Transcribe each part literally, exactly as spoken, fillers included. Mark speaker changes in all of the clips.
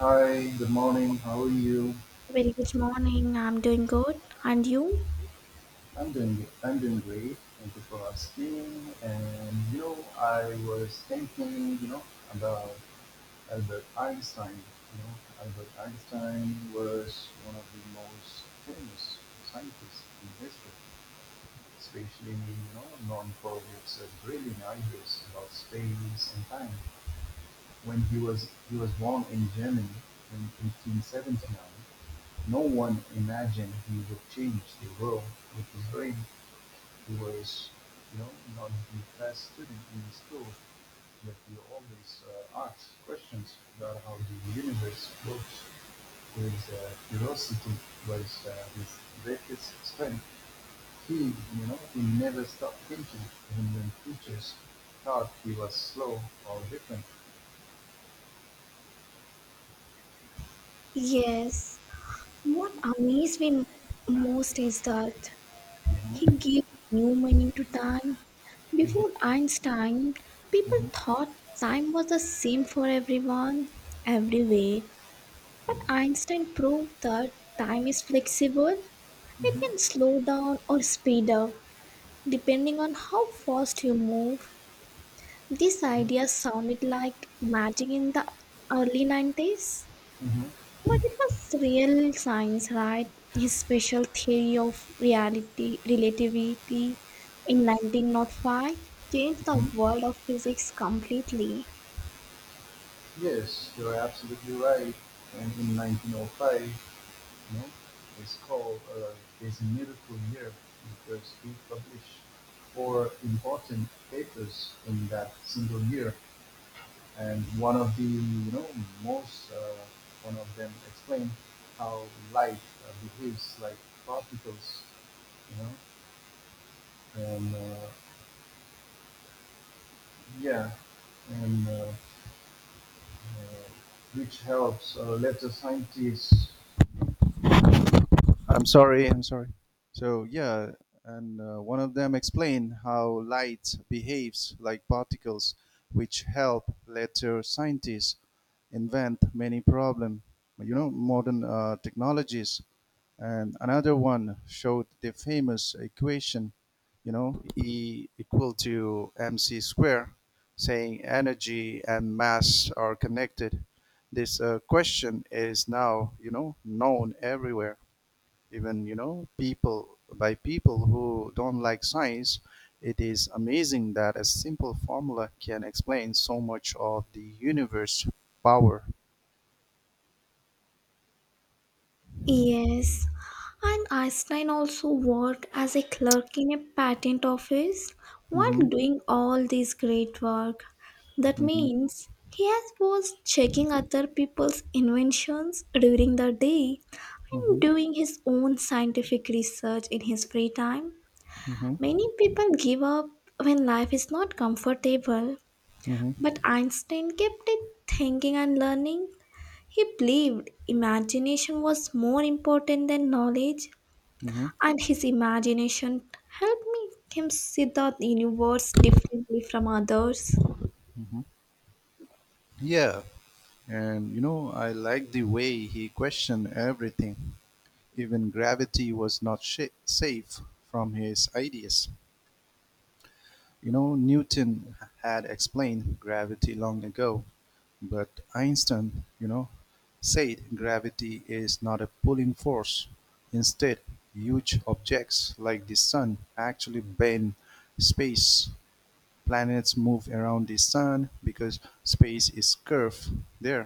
Speaker 1: Hi, good morning. How are you?
Speaker 2: Very good morning. I'm doing good. And you?
Speaker 1: I'm doing good. I'm doing great. Thank you for asking. And you know, I was thinking, you know, about Albert Einstein. You know, Albert Einstein was one of the most famous scientists in history, especially you know known for his uh, brilliant ideas about space and time. When he was he was born in Germany in eighteen seventy-nine. No one imagined he would change the world with his brain. He was, you know, not the best student in school, but he always uh, asked questions about how the universe works. His uh, curiosity was, uh, his greatest strength. He, you know, he never stopped thinking. And when teachers thought he was slow or different.
Speaker 2: Yes. What amazed me most is that he
Speaker 1: Hmm
Speaker 2: gave new meaning to time. Before Einstein, people
Speaker 1: hmm
Speaker 2: thought time was the same for everyone, everywhere. But Einstein proved that time is flexible. It can slow down or speed up depending on how fast you move. This
Speaker 1: hmm
Speaker 2: idea sounded like magic in the early nineties.
Speaker 1: hmm
Speaker 2: But it was real science, right? His special theory of reality, relativity in nineteen oh five changed the
Speaker 1: hmm
Speaker 2: world of physics completely.
Speaker 1: Yes, you're absolutely right. And in nineteen oh five, You know, it's called, uh, "There's a Miracle Here," because he published four important papers in that single year, and one of the you know most uh, one of them explained how light uh, behaves like particles, you know, and uh, yeah, and uh, uh, which helps uh, later scientists. I'm sorry, I'm sorry. So, yeah, and uh, one of them explained how light behaves like particles, which help later scientists invent many problem, you know, modern uh, technologies. And another one showed the famous equation, you know, E equal to mc square, saying energy and mass are connected. This uh, question is now, you know, known everywhere, even you know people by people who don't like science. It is amazing that a simple formula can explain so much of the universe power.
Speaker 2: Yes, and Einstein also worked as a clerk in a patent office while
Speaker 1: Mm-hmm,
Speaker 2: doing all this great work. That
Speaker 1: mm-hmm,
Speaker 2: means he has- was checking other people's inventions during the day and
Speaker 1: mm-hmm,
Speaker 2: doing his own scientific research in his free time.
Speaker 1: mm-hmm,
Speaker 2: Many people give up when life is not comfortable,
Speaker 1: mm-hmm,
Speaker 2: but Einstein kept it thinking and learning. He believed imagination was more important than knowledge,
Speaker 1: mm-hmm,
Speaker 2: and his imagination helped me him see the universe differently from others.
Speaker 1: mm-hmm. Yeah, and you know I like the way he questioned everything, even gravity was not sh- safe from his ideas. You know newton had explained gravity long ago. But Einstein, you know, said gravity is not a pulling force. Instead, huge objects like the sun actually bend space. Planets move around the sun because space is curved there.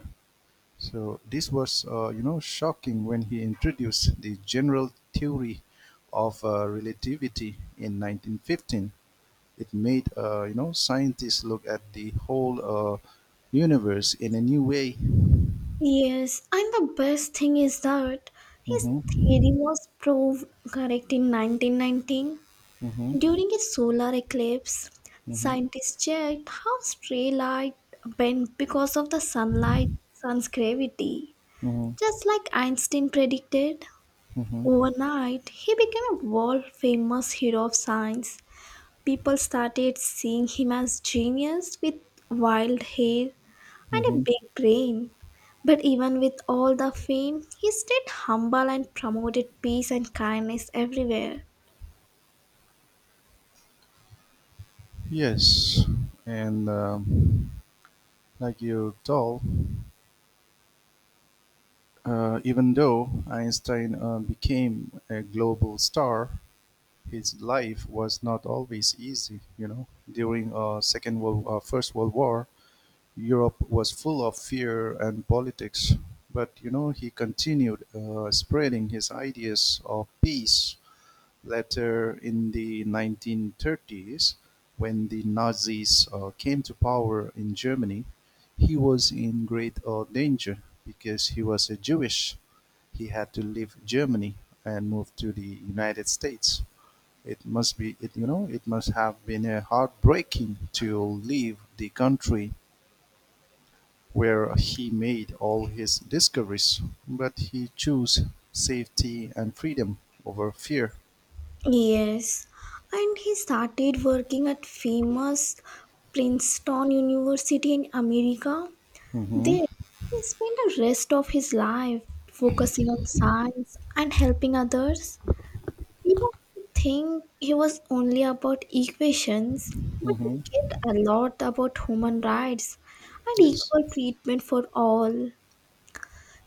Speaker 1: So this was, uh, you know, shocking when he introduced the general theory of uh, relativity in nineteen fifteen. It made, uh, you know, scientists look at the whole uh, universe in a new way.
Speaker 2: Yes, and the best thing is that his
Speaker 1: Mhm.
Speaker 2: theory was proved correct in nineteen nineteen.
Speaker 1: Mhm.
Speaker 2: During a solar eclipse,
Speaker 1: Mhm.
Speaker 2: scientists checked how stray light bent because of the sunlight sun's gravity.
Speaker 1: Mhm.
Speaker 2: Just like Einstein predicted,
Speaker 1: Mhm.
Speaker 2: overnight he became a world famous hero of science. People started seeing him as genius with wild hair and a
Speaker 1: Mhm.
Speaker 2: big brain. But even with all the fame, he stayed humble and promoted peace and kindness everywhere.
Speaker 1: Yes, and um, like you told, uh, even though Einstein uh, became a global star, his life was not always easy. You know, during uh, Second World, uh, First World War, Europe was full of fear and politics. But you know, he continued uh, spreading his ideas of peace. Later in the nineteen thirties, when the Nazis uh, came to power in Germany, he was in great uh, danger because he was a Jewish. He had to leave Germany and move to the United States. It must be, it, you know, it must have been a heartbreaking to leave the country where he made all his discoveries, but he chose safety and freedom over fear.
Speaker 2: Yes, and he started working at famous Princeton University in America.
Speaker 1: Hmm
Speaker 2: There, he spent the rest of his life focusing on science and helping others. People think he was only about equations, but he
Speaker 1: hmm
Speaker 2: cared a lot about human rights and
Speaker 1: Yes.
Speaker 2: equal treatment for all.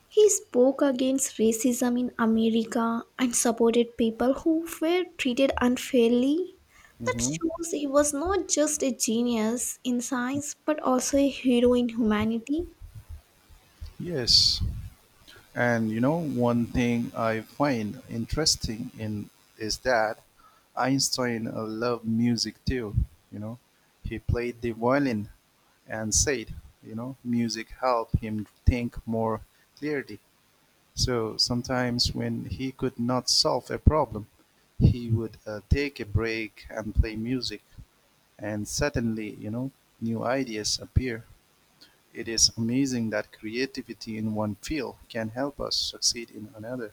Speaker 2: He spoke against racism in America and supported people who were treated unfairly. That
Speaker 1: hmm
Speaker 2: shows he was not just a genius in science but also a hero in humanity.
Speaker 1: Yes. And you know, one thing I find interesting in is that Einstein uh, loved music too. You know, he played the violin and said, you know, music helped him think more clearly. So sometimes when he could not solve a problem, he would uh, take a break and play music, and suddenly, you know, new ideas appear. It is amazing that creativity in one field can help us succeed in another.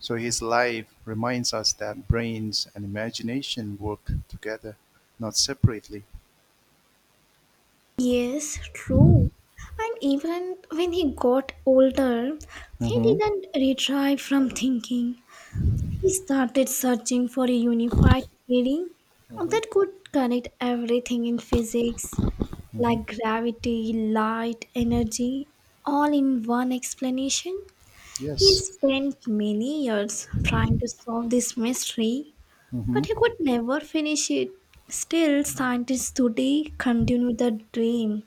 Speaker 1: So his life reminds us that brains and imagination work together, not separately.
Speaker 2: Yes, true. And even when he got older, he
Speaker 1: Mm-hmm.
Speaker 2: didn't retry from thinking. He started searching for a unified theory
Speaker 1: Mm-hmm.
Speaker 2: that could connect everything in physics
Speaker 1: Mm-hmm.
Speaker 2: like gravity, light, energy, all in one explanation. He
Speaker 1: Yes.
Speaker 2: spent many years trying to solve this mystery,
Speaker 1: Mm-hmm.
Speaker 2: but he could never finish it. Still, scientists today continue the dream.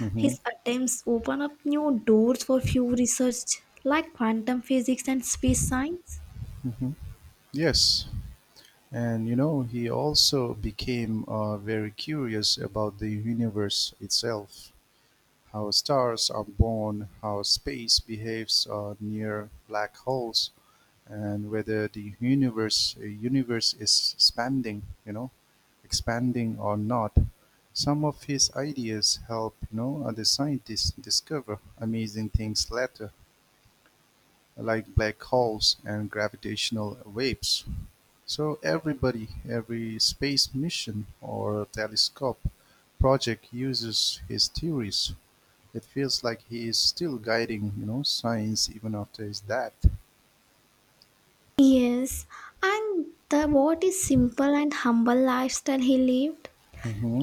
Speaker 1: Mm-hmm.
Speaker 2: His attempts open up new doors for few research like quantum physics and space science.
Speaker 1: Mm-hmm. Yes. And you know, he also became uh, very curious about the universe itself, how stars are born, how space behaves uh, near black holes, and whether the universe uh, universe is expanding, you know, expanding or not. Some of his ideas help, you know, other scientists discover amazing things later, like black holes and gravitational waves. So everybody, every space mission or telescope project uses his theories. It feels like he is still guiding, you know, science even after his death.
Speaker 2: Yes, and the what is simple and humble lifestyle he lived.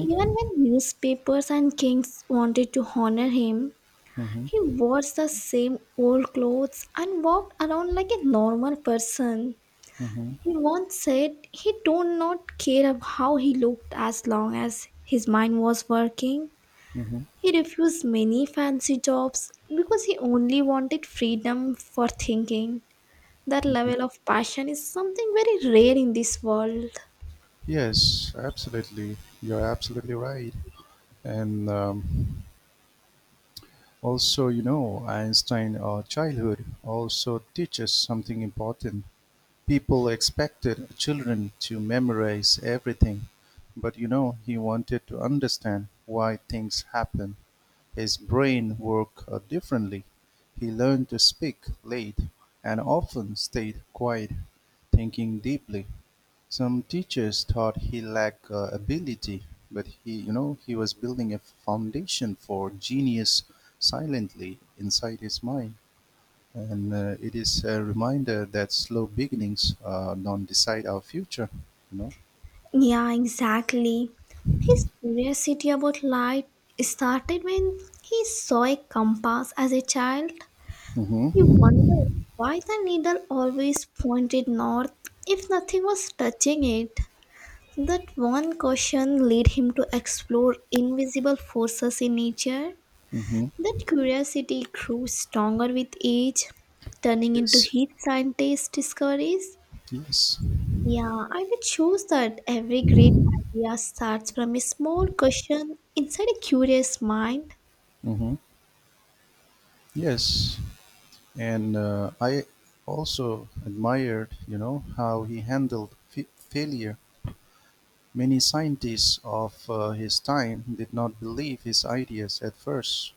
Speaker 2: Even when newspapers and kings wanted to honor him,
Speaker 1: Mm-hmm.
Speaker 2: he wore the same old clothes and walked around like a normal person.
Speaker 1: Mm-hmm.
Speaker 2: He once said he did not care of how he looked as long as his mind was working.
Speaker 1: Mm-hmm.
Speaker 2: He refused many fancy jobs because he only wanted freedom for thinking. That
Speaker 1: Mhm.
Speaker 2: level of passion is something very rare in this world.
Speaker 1: Yes, absolutely. You're absolutely right. And um, also, you know, Einstein or childhood also teaches something important. People expected children to memorize everything, but you know, he wanted to understand why things happen. His brain worked uh, differently. He learned to speak late and often stayed quiet, thinking deeply. Some teachers thought he lacked uh, ability, but he, you know, he was building a foundation for genius silently inside his mind. And uh, it is a reminder that slow beginnings uh, don't decide our future. You know.
Speaker 2: Yeah, exactly. His curiosity about light started when he saw a compass as a child. He
Speaker 1: Mm-hmm.
Speaker 2: wondered why the needle always pointed north if nothing was touching it. That one question led him to explore invisible forces in nature.
Speaker 1: Mm-hmm.
Speaker 2: That curiosity grew stronger with age, turning into
Speaker 1: Yes.
Speaker 2: his scientist discoveries.
Speaker 1: Yes.
Speaker 2: Yeah, and it shows that every great idea starts from a small question inside a curious mind.
Speaker 1: Mm-hmm. Yes. And uh, I also admired, you know, how he handled f- failure. Many scientists of uh, his time did not believe his ideas at first.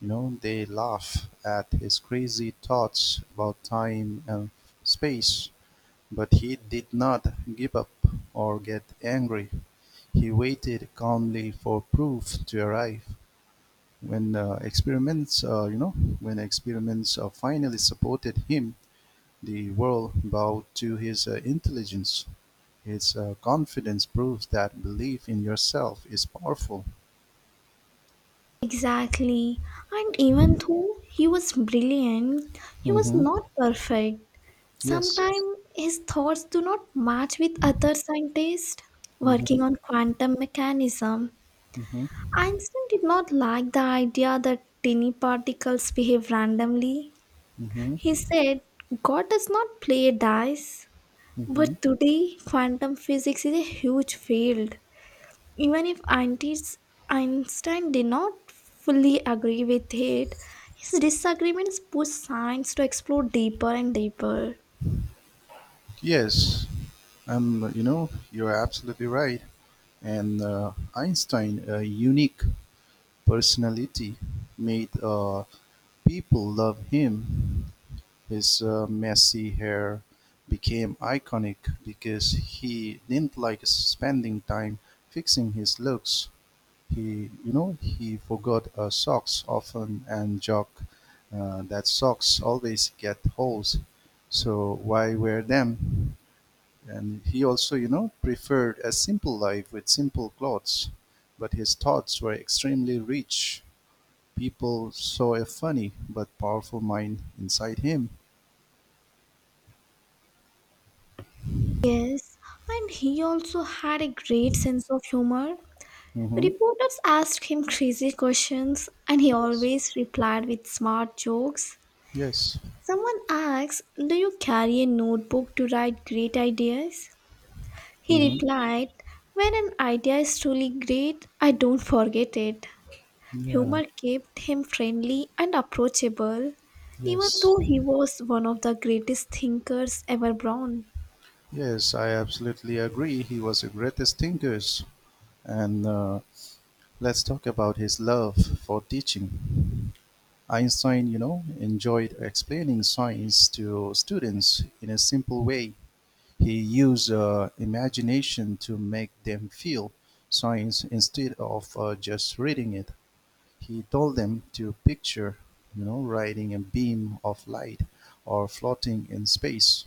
Speaker 1: You know, they laugh at his crazy thoughts about time and space, but he did not give up or get angry. He waited calmly for proof to arrive. When uh, experiments, uh, you know, when experiments uh, finally supported him, the world bowed to his uh, intelligence. His uh, confidence proves that belief in yourself is powerful.
Speaker 2: Exactly. And even though he was brilliant, he was
Speaker 1: Mm-hmm.
Speaker 2: not perfect.
Speaker 1: Yes.
Speaker 2: Sometimes his thoughts do not match with other scientists working
Speaker 1: Mm-hmm.
Speaker 2: on quantum mechanism.
Speaker 1: Mm-hmm.
Speaker 2: Einstein did not like the idea that tiny particles behave randomly. He
Speaker 1: Mm-hmm.
Speaker 2: said, God does not play dice.
Speaker 1: Mm-hmm.
Speaker 2: But today, quantum physics is a huge field. Even if Einstein's- Einstein did not fully agree with it, his disagreements pushed science to explore deeper and deeper.
Speaker 1: Yes. Um, you know, you're absolutely right. And uh, Einstein, a unique personality, made, uh, people love him. His uh, messy hair became iconic because he didn't like spending time fixing his looks. He you know he forgot uh, socks often and joke uh, that socks always get holes, so why wear them? And he also, you know preferred a simple life with simple clothes, but his thoughts were extremely rich. People saw a funny but powerful mind inside him.
Speaker 2: Yes, and he also had a great sense of humor.
Speaker 1: Hmm
Speaker 2: Reporters asked him crazy questions, and he
Speaker 1: yes.
Speaker 2: always replied with smart jokes.
Speaker 1: Yes.
Speaker 2: Someone asks, do you carry a notebook to write great ideas? He
Speaker 1: hmm
Speaker 2: replied, when an idea is truly great, I don't forget it.
Speaker 1: yeah.
Speaker 2: Humor kept him friendly and approachable, even
Speaker 1: Yes.
Speaker 2: though he was one of the greatest thinkers ever born.
Speaker 1: Yes, I absolutely agree. He was the greatest thinkers, and uh, let's talk about his love for teaching. Einstein, you know, enjoyed explaining science to students in a simple way. He used uh, imagination to make them feel science instead of uh, just reading it. He told them to picture, you know, riding a beam of light or floating in space.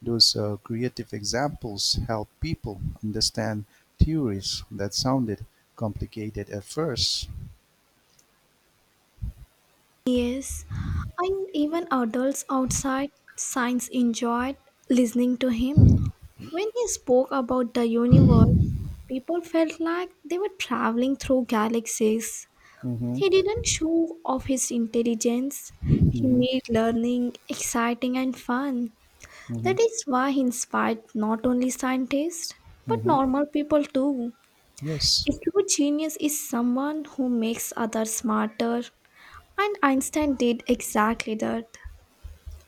Speaker 1: Those uh, creative examples help people understand theories that sounded complicated at first.
Speaker 2: Yes, and even adults outside science enjoyed listening to him. When he spoke about the universe, people felt like they were traveling through galaxies.
Speaker 1: Hmm
Speaker 2: He didn't show off his intelligence. He made learning exciting and fun.
Speaker 1: hmm
Speaker 2: That is why he inspired not only scientists, but
Speaker 1: hmm
Speaker 2: normal people too.
Speaker 1: Yes,
Speaker 2: A true genius is someone who makes others smarter, and Einstein did exactly that.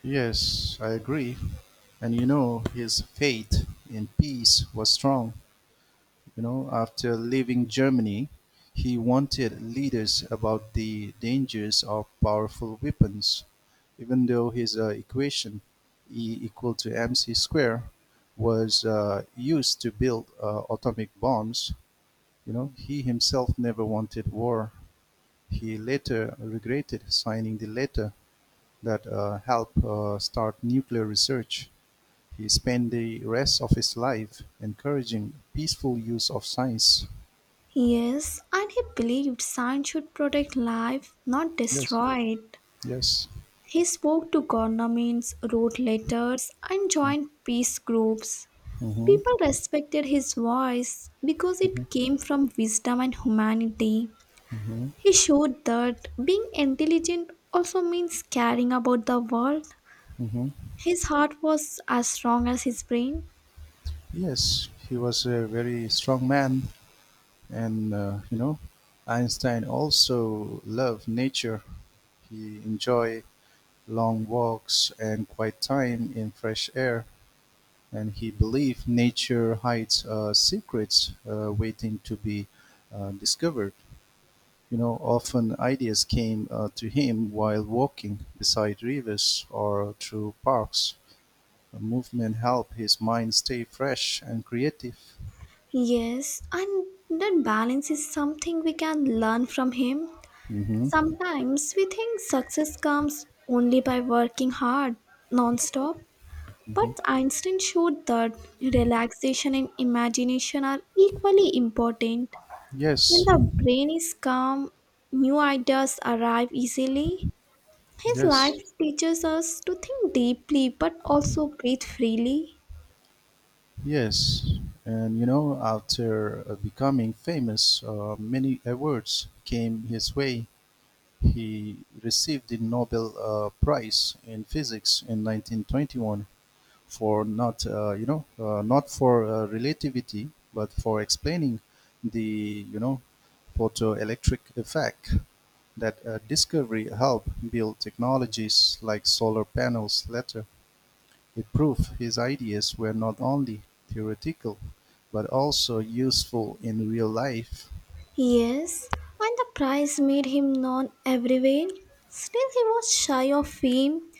Speaker 1: yes, I agree. And you know, his faith in peace was strong. You know, after leaving Germany, he wanted leaders about the dangers of powerful weapons, even though his uh, equation, E equal to mc square, was uh, used to build uh, atomic bombs. You know, he himself never wanted war. He later regretted signing the letter that uh, helped uh, start nuclear research. He spent the rest of his life encouraging peaceful use of science.
Speaker 2: Yes, and he believed science should protect life, not
Speaker 1: Yes,
Speaker 2: destroy it.
Speaker 1: yes.
Speaker 2: He spoke to governments, wrote letters, and joined peace groups.
Speaker 1: hmm
Speaker 2: People respected his voice because
Speaker 1: hmm
Speaker 2: it came from wisdom and humanity.
Speaker 1: hmm
Speaker 2: He showed that being intelligent also means caring about the world.
Speaker 1: hmm
Speaker 2: His heart was as strong as his brain.
Speaker 1: Yes, he was a very strong man, and uh, you know, Einstein also loved nature. He enjoyed long walks and quiet time in fresh air. And he believed nature hides uh, secrets uh, waiting to be uh, discovered. You know, often ideas came uh, to him while walking beside rivers or through parks. The movement helped his mind stay fresh and creative.
Speaker 2: Yes, and that balance is something we can learn from him.
Speaker 1: Hmm
Speaker 2: Sometimes we think success comes only by working hard non-stop, but
Speaker 1: hmm
Speaker 2: Einstein showed that relaxation and imagination are equally important. When
Speaker 1: Yes,
Speaker 2: the brain is calm, new ideas arrive easily. His life
Speaker 1: yes,
Speaker 2: teaches us to think deeply but also breathe freely.
Speaker 1: yes. And you know, after uh, becoming famous, uh, many awards came his way. He received the Nobel uh, Prize in Physics in nineteen twenty-one, for not, uh, you know, uh, not for uh, relativity, but for explaining the, you know, photoelectric effect. That uh, discovery helped build technologies like solar panels later. It proved his ideas were not only theoretical, but also useful in real life.
Speaker 2: Yes, and the prize made him known everywhere. Still, he was shy of fame.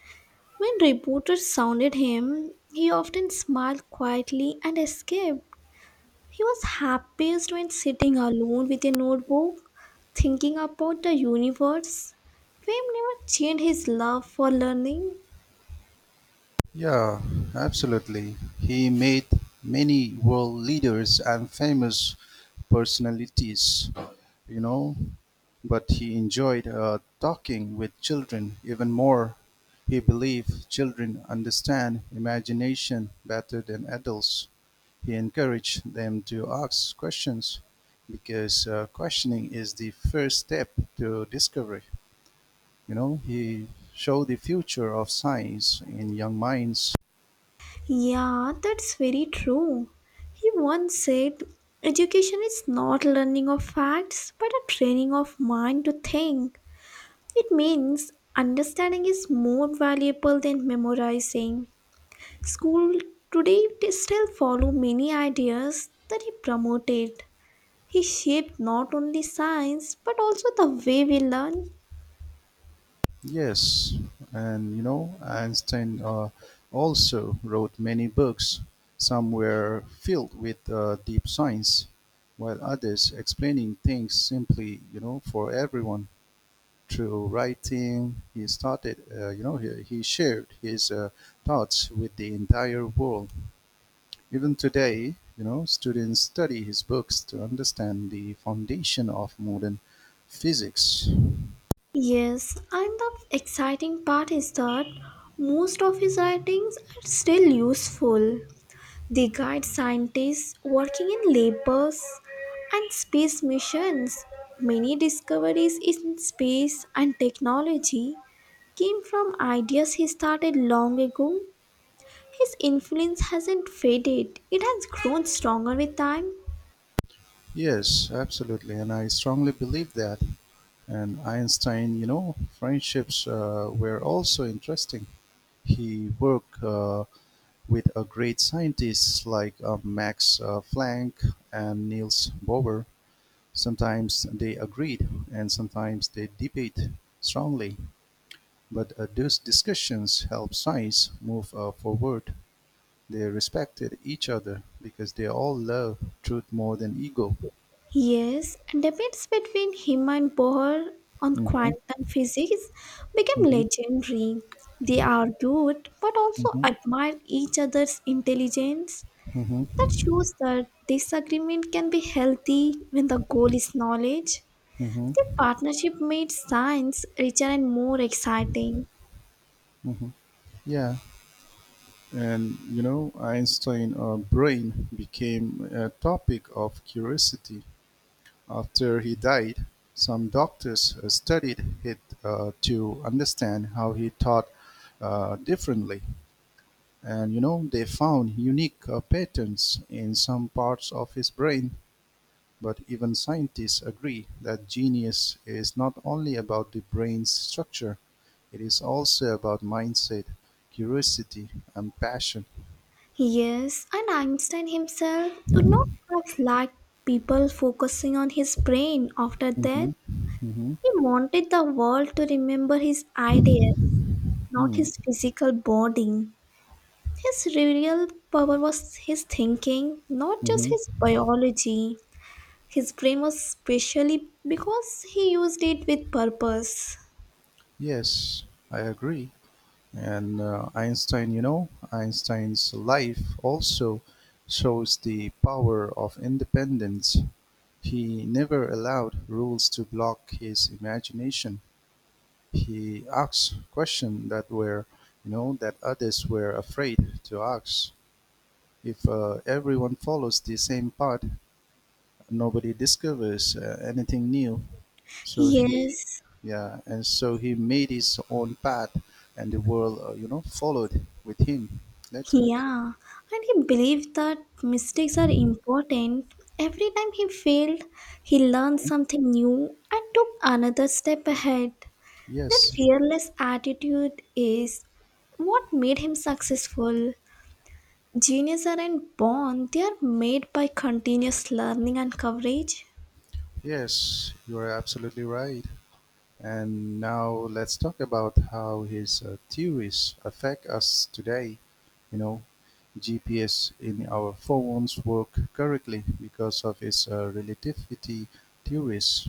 Speaker 2: When reporters sounded him, he often smiled quietly and escaped. He was happiest when sitting alone with a notebook, thinking about the universe. Fame never changed his love for learning.
Speaker 1: Yeah, absolutely. He made many world leaders and famous personalities, you know, but he enjoyed uh, talking with children even more. He believed children understand imagination better than adults. He encouraged them to ask questions because uh, questioning is the first step to discovery. You know, he showed the future of science in young minds.
Speaker 2: Yeah, that's very true. He once said, education is not learning of facts, but a training of mind to think. It means understanding is more valuable than memorizing. School today they still follow many ideas that he promoted. He shaped not only science but also the way we learn.
Speaker 1: Yes, and you know, Einstein uh, also wrote many books. Some were filled with uh, deep science, while others explaining things simply, you know, for everyone. Through writing, he started, uh, you know, he, he shared his uh, thoughts with the entire world. Even today, you know, students study his books to understand the foundation of modern physics.
Speaker 2: Yes, and the exciting part is that most of his writings are still useful. They guide scientists working in labors and space missions. Many discoveries in space and technology came from ideas he started long ago. His influence hasn't faded, it has grown stronger with time.
Speaker 1: Yes, absolutely, and I strongly believe that. And Einstein, you know, friendships uh, were also interesting. He worked uh, with a great scientists like uh, Max uh, Planck and Niels Bohr. Sometimes they agreed and sometimes they debate strongly, but uh, those discussions helped science move uh, forward. They respected each other because they all love truth more than ego.
Speaker 2: Yes, debates between him and Bohr on
Speaker 1: Hmm
Speaker 2: quantum physics became
Speaker 1: hmm
Speaker 2: legendary. They argued but also
Speaker 1: hmm
Speaker 2: admired each other's intelligence.
Speaker 1: hmm
Speaker 2: That shows that disagreement can be healthy when the goal is knowledge.
Speaker 1: hmm
Speaker 2: The partnership made science richer and more exciting.
Speaker 1: hmm Yeah, and you know, Einstein uh, brain became a topic of curiosity. After he died, some doctors uh, studied it uh, to understand how he thought uh, differently. And you know, they found unique uh, patterns in some parts of his brain. But even scientists agree that genius is not only about the brain's structure, it is also about mindset, curiosity, and passion.
Speaker 2: Yes, and Einstein himself would not have liked people focusing on his brain after
Speaker 1: Mm-hmm.
Speaker 2: death.
Speaker 1: Mm-hmm.
Speaker 2: He wanted the world to remember his ideas, not
Speaker 1: Mm.
Speaker 2: his physical body. His real power was his thinking, not just
Speaker 1: Mm-hmm.
Speaker 2: his biology. His frame was specially because he used it with purpose.
Speaker 1: Yes, I agree. And uh, Einstein, you know, Einstein's life also shows the power of independence. He never allowed rules to block his imagination. He asked questions that were, you know, that others were afraid to ask. If uh, everyone follows the same path, nobody discovers uh, anything new. So he,
Speaker 2: Yes,
Speaker 1: yeah, and so he made his own path, and the world, uh, you know, followed with him later.
Speaker 2: yeah, and he believed that mistakes are important. Every time he failed, he learned
Speaker 1: Mhm.
Speaker 2: something new and took another step ahead. That
Speaker 1: Yes,
Speaker 2: fearless attitude is what made him successful. Geniuses aren't born, they are made by continuous learning and coverage.
Speaker 1: yes, you are absolutely right. And now let's talk about how his uh, theories affect us today. You know, G P S in our phones work correctly because of his uh, relativity theories.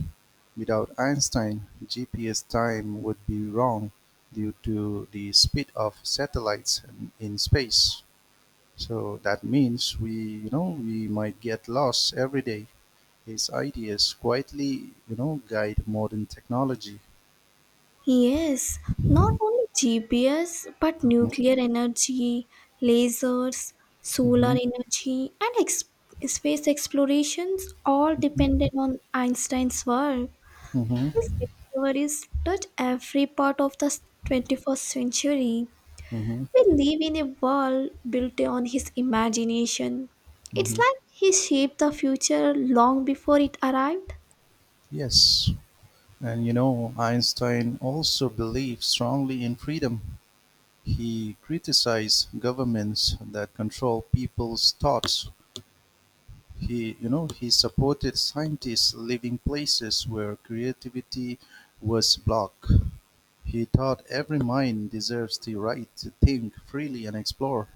Speaker 1: Without Einstein, G P S time would be wrong due to the speed of satellites in- space. So that means we, you know, we might get lost every day. His ideas quietly, you know, guide modern technology.
Speaker 2: Yes, not only G P S, but
Speaker 1: Mhm.
Speaker 2: nuclear energy, lasers, solar
Speaker 1: Hmm.
Speaker 2: energy, and ex- space explorations all depended on Einstein's work. His
Speaker 1: Hmm.
Speaker 2: discoveries touch every part of the twenty-first century.
Speaker 1: Hmm.
Speaker 2: We live in a world built on his imagination. It's
Speaker 1: Hmm.
Speaker 2: like he shaped the future long before it arrived.
Speaker 1: Yes, and you know, Einstein also believed strongly in freedom. He criticized governments that control people's thoughts. He, you know, he supported scientists living places where creativity was blocked. He thought every mind deserves the right to think freely and explore.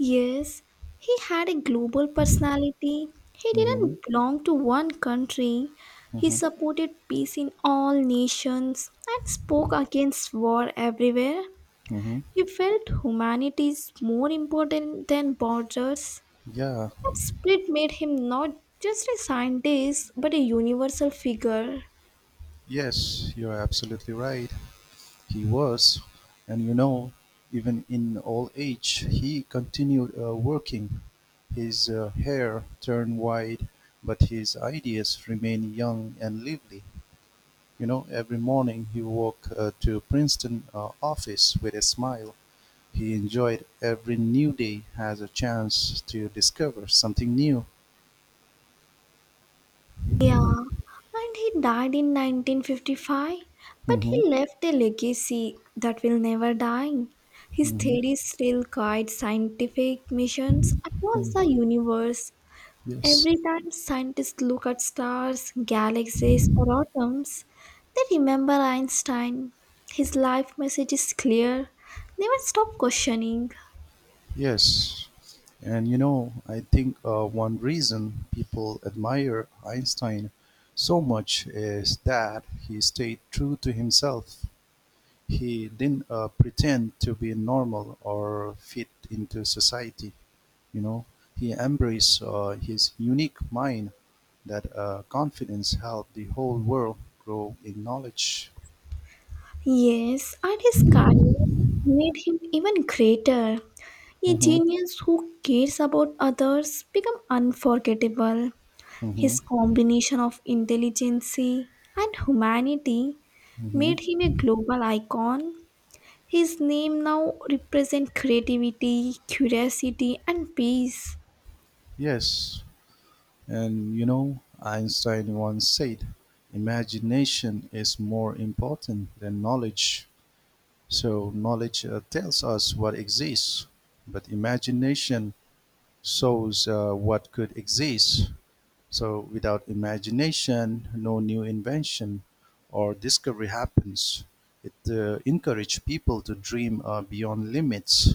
Speaker 2: Yes, he had a global personality. He
Speaker 1: Hmm.
Speaker 2: didn't belong to one country. He
Speaker 1: Hmm.
Speaker 2: supported peace in all nations and spoke against war everywhere.
Speaker 1: Hmm.
Speaker 2: He felt humanity is more important than borders.
Speaker 1: Yeah,
Speaker 2: That spirit made him not just a scientist but a universal figure.
Speaker 1: yes, you're absolutely right. He was, and you know, even in old age he continued uh, working. His uh, hair turned white, but his ideas remained young and lively. You know, every morning he walked uh, to Princeton uh, office with a smile. He enjoyed every new day as a chance to discover something new.
Speaker 2: Yeah, and he died in nineteen fifty-five, but
Speaker 1: Hmm.
Speaker 2: he left a legacy that will never die. His
Speaker 1: Hmm.
Speaker 2: theories still guide scientific missions across the universe.
Speaker 1: Yes.
Speaker 2: Every time scientists look at stars, galaxies, or atoms, they remember Einstein. His life message is clear, never stop questioning.
Speaker 1: Yes, and you know, I think uh, one reason people admire Einstein so much is that he stayed true to himself. He didn't uh, pretend to be normal or fit into society. You know, he embraced uh, his unique mind. That uh, confidence helped the whole world grow in knowledge.
Speaker 2: Yes, and his kindness made him even greater. A
Speaker 1: Mm-hmm,
Speaker 2: genius who cares about others become unforgettable.
Speaker 1: mm-hmm,
Speaker 2: His combination of intelligence and humanity
Speaker 1: mm-hmm.
Speaker 2: made him a global icon. His name now represents creativity, curiosity, and peace.
Speaker 1: Yes, and you know, Einstein once said, imagination is more important than knowledge. So, knowledge uh, tells us what exists, but imagination shows uh, what could exist. So, without imagination, no new invention or discovery happens. It uh, encourages people to dream uh, beyond limits.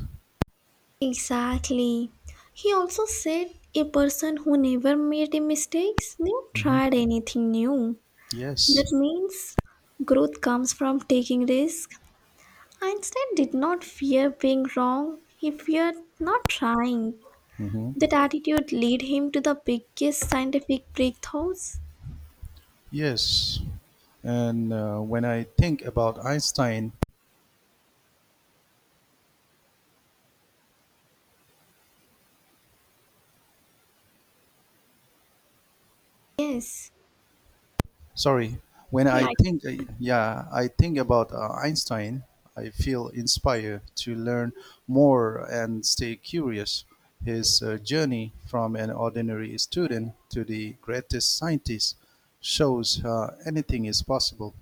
Speaker 2: Exactly. He also said a person who never made a mistakes never
Speaker 1: Mhm.
Speaker 2: tried anything new.
Speaker 1: Yes.
Speaker 2: That means growth comes from taking risk. Einstein did not fear being wrong, he feared not trying.
Speaker 1: Hmm.
Speaker 2: That attitude led him to the biggest scientific breakthroughs.
Speaker 1: Yes. And uh, when I think about Einstein,
Speaker 2: Yes,
Speaker 1: Sorry, when I
Speaker 2: yes,
Speaker 1: think, uh, yeah, I think about uh, Einstein, I feel inspired to learn more and stay curious. His uh, journey from an ordinary student to the greatest scientist shows uh, anything is possible.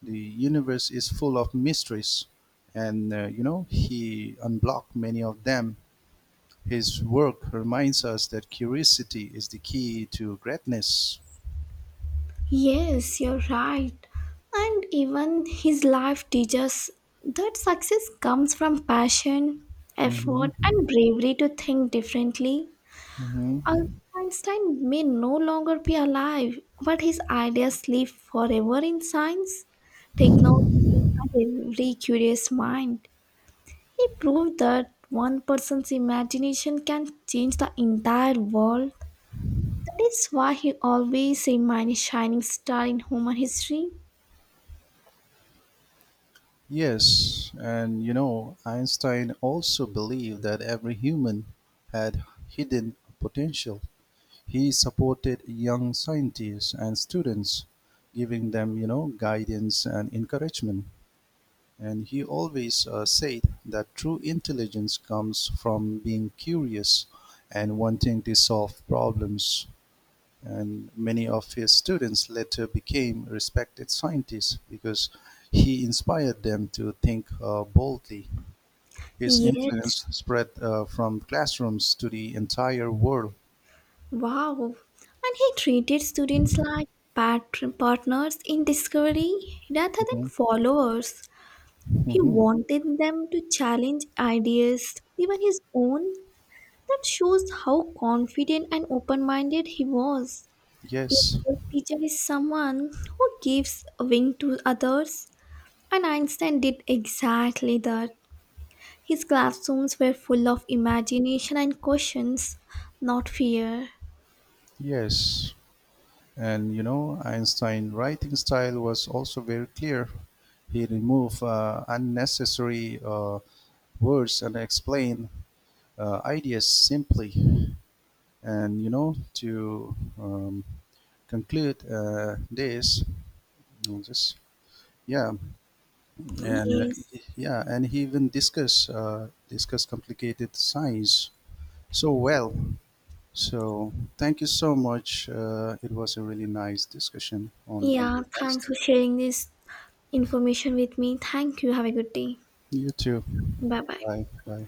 Speaker 1: The universe is full of mysteries, and uh, you know, he unblocked many of them. His work reminds us that curiosity is the key to greatness.
Speaker 2: yes, you're right. And even his life teaches that success comes from passion, effort, and
Speaker 1: Hmm.
Speaker 2: bravery to think differently.
Speaker 1: Hmm.
Speaker 2: Albert Einstein may no longer be alive, but his ideas live forever in science, technology, and every curious mind. He proved that one person's imagination can change the entire world. That is why he always remains a shining star in human history.
Speaker 1: Yes, and you know, Einstein also believed that every human had hidden potential. He supported young scientists and students, giving them, you know, guidance and encouragement. And he always uh, said that true intelligence comes from being curious and wanting to solve problems, and many of his students later became respected scientists because he inspired them to think uh, boldly. His influence
Speaker 2: Yes,
Speaker 1: spread uh, from classrooms to the entire world.
Speaker 2: wow. And he treated students like pat- partners in discovery rather than
Speaker 1: Mhm.
Speaker 2: followers. He
Speaker 1: Mhm.
Speaker 2: wanted them to challenge ideas, even his own. That shows how confident and open minded he was. A
Speaker 1: Yes,
Speaker 2: good teacher is someone who gives a wing to others, and Einstein did exactly that. His classrooms were full of imagination and questions, not fear.
Speaker 1: yes. And you know, Einstein's writing style was also very clear. He removed uh, unnecessary uh, words and explained uh, ideas simply. And you know, to um, conclude uh, this, on this, yeah, and
Speaker 2: Yes.
Speaker 1: yeah, and he even discuss uh, discuss complicated science so well. So thank you so much. Uh, it was a really nice discussion on
Speaker 2: Yeah,
Speaker 1: Albert
Speaker 2: thanks
Speaker 1: Einstein.
Speaker 2: for sharing this information with me. Thank you. Have a good day.
Speaker 1: You too.
Speaker 2: Bye bye.
Speaker 1: Bye. Bye.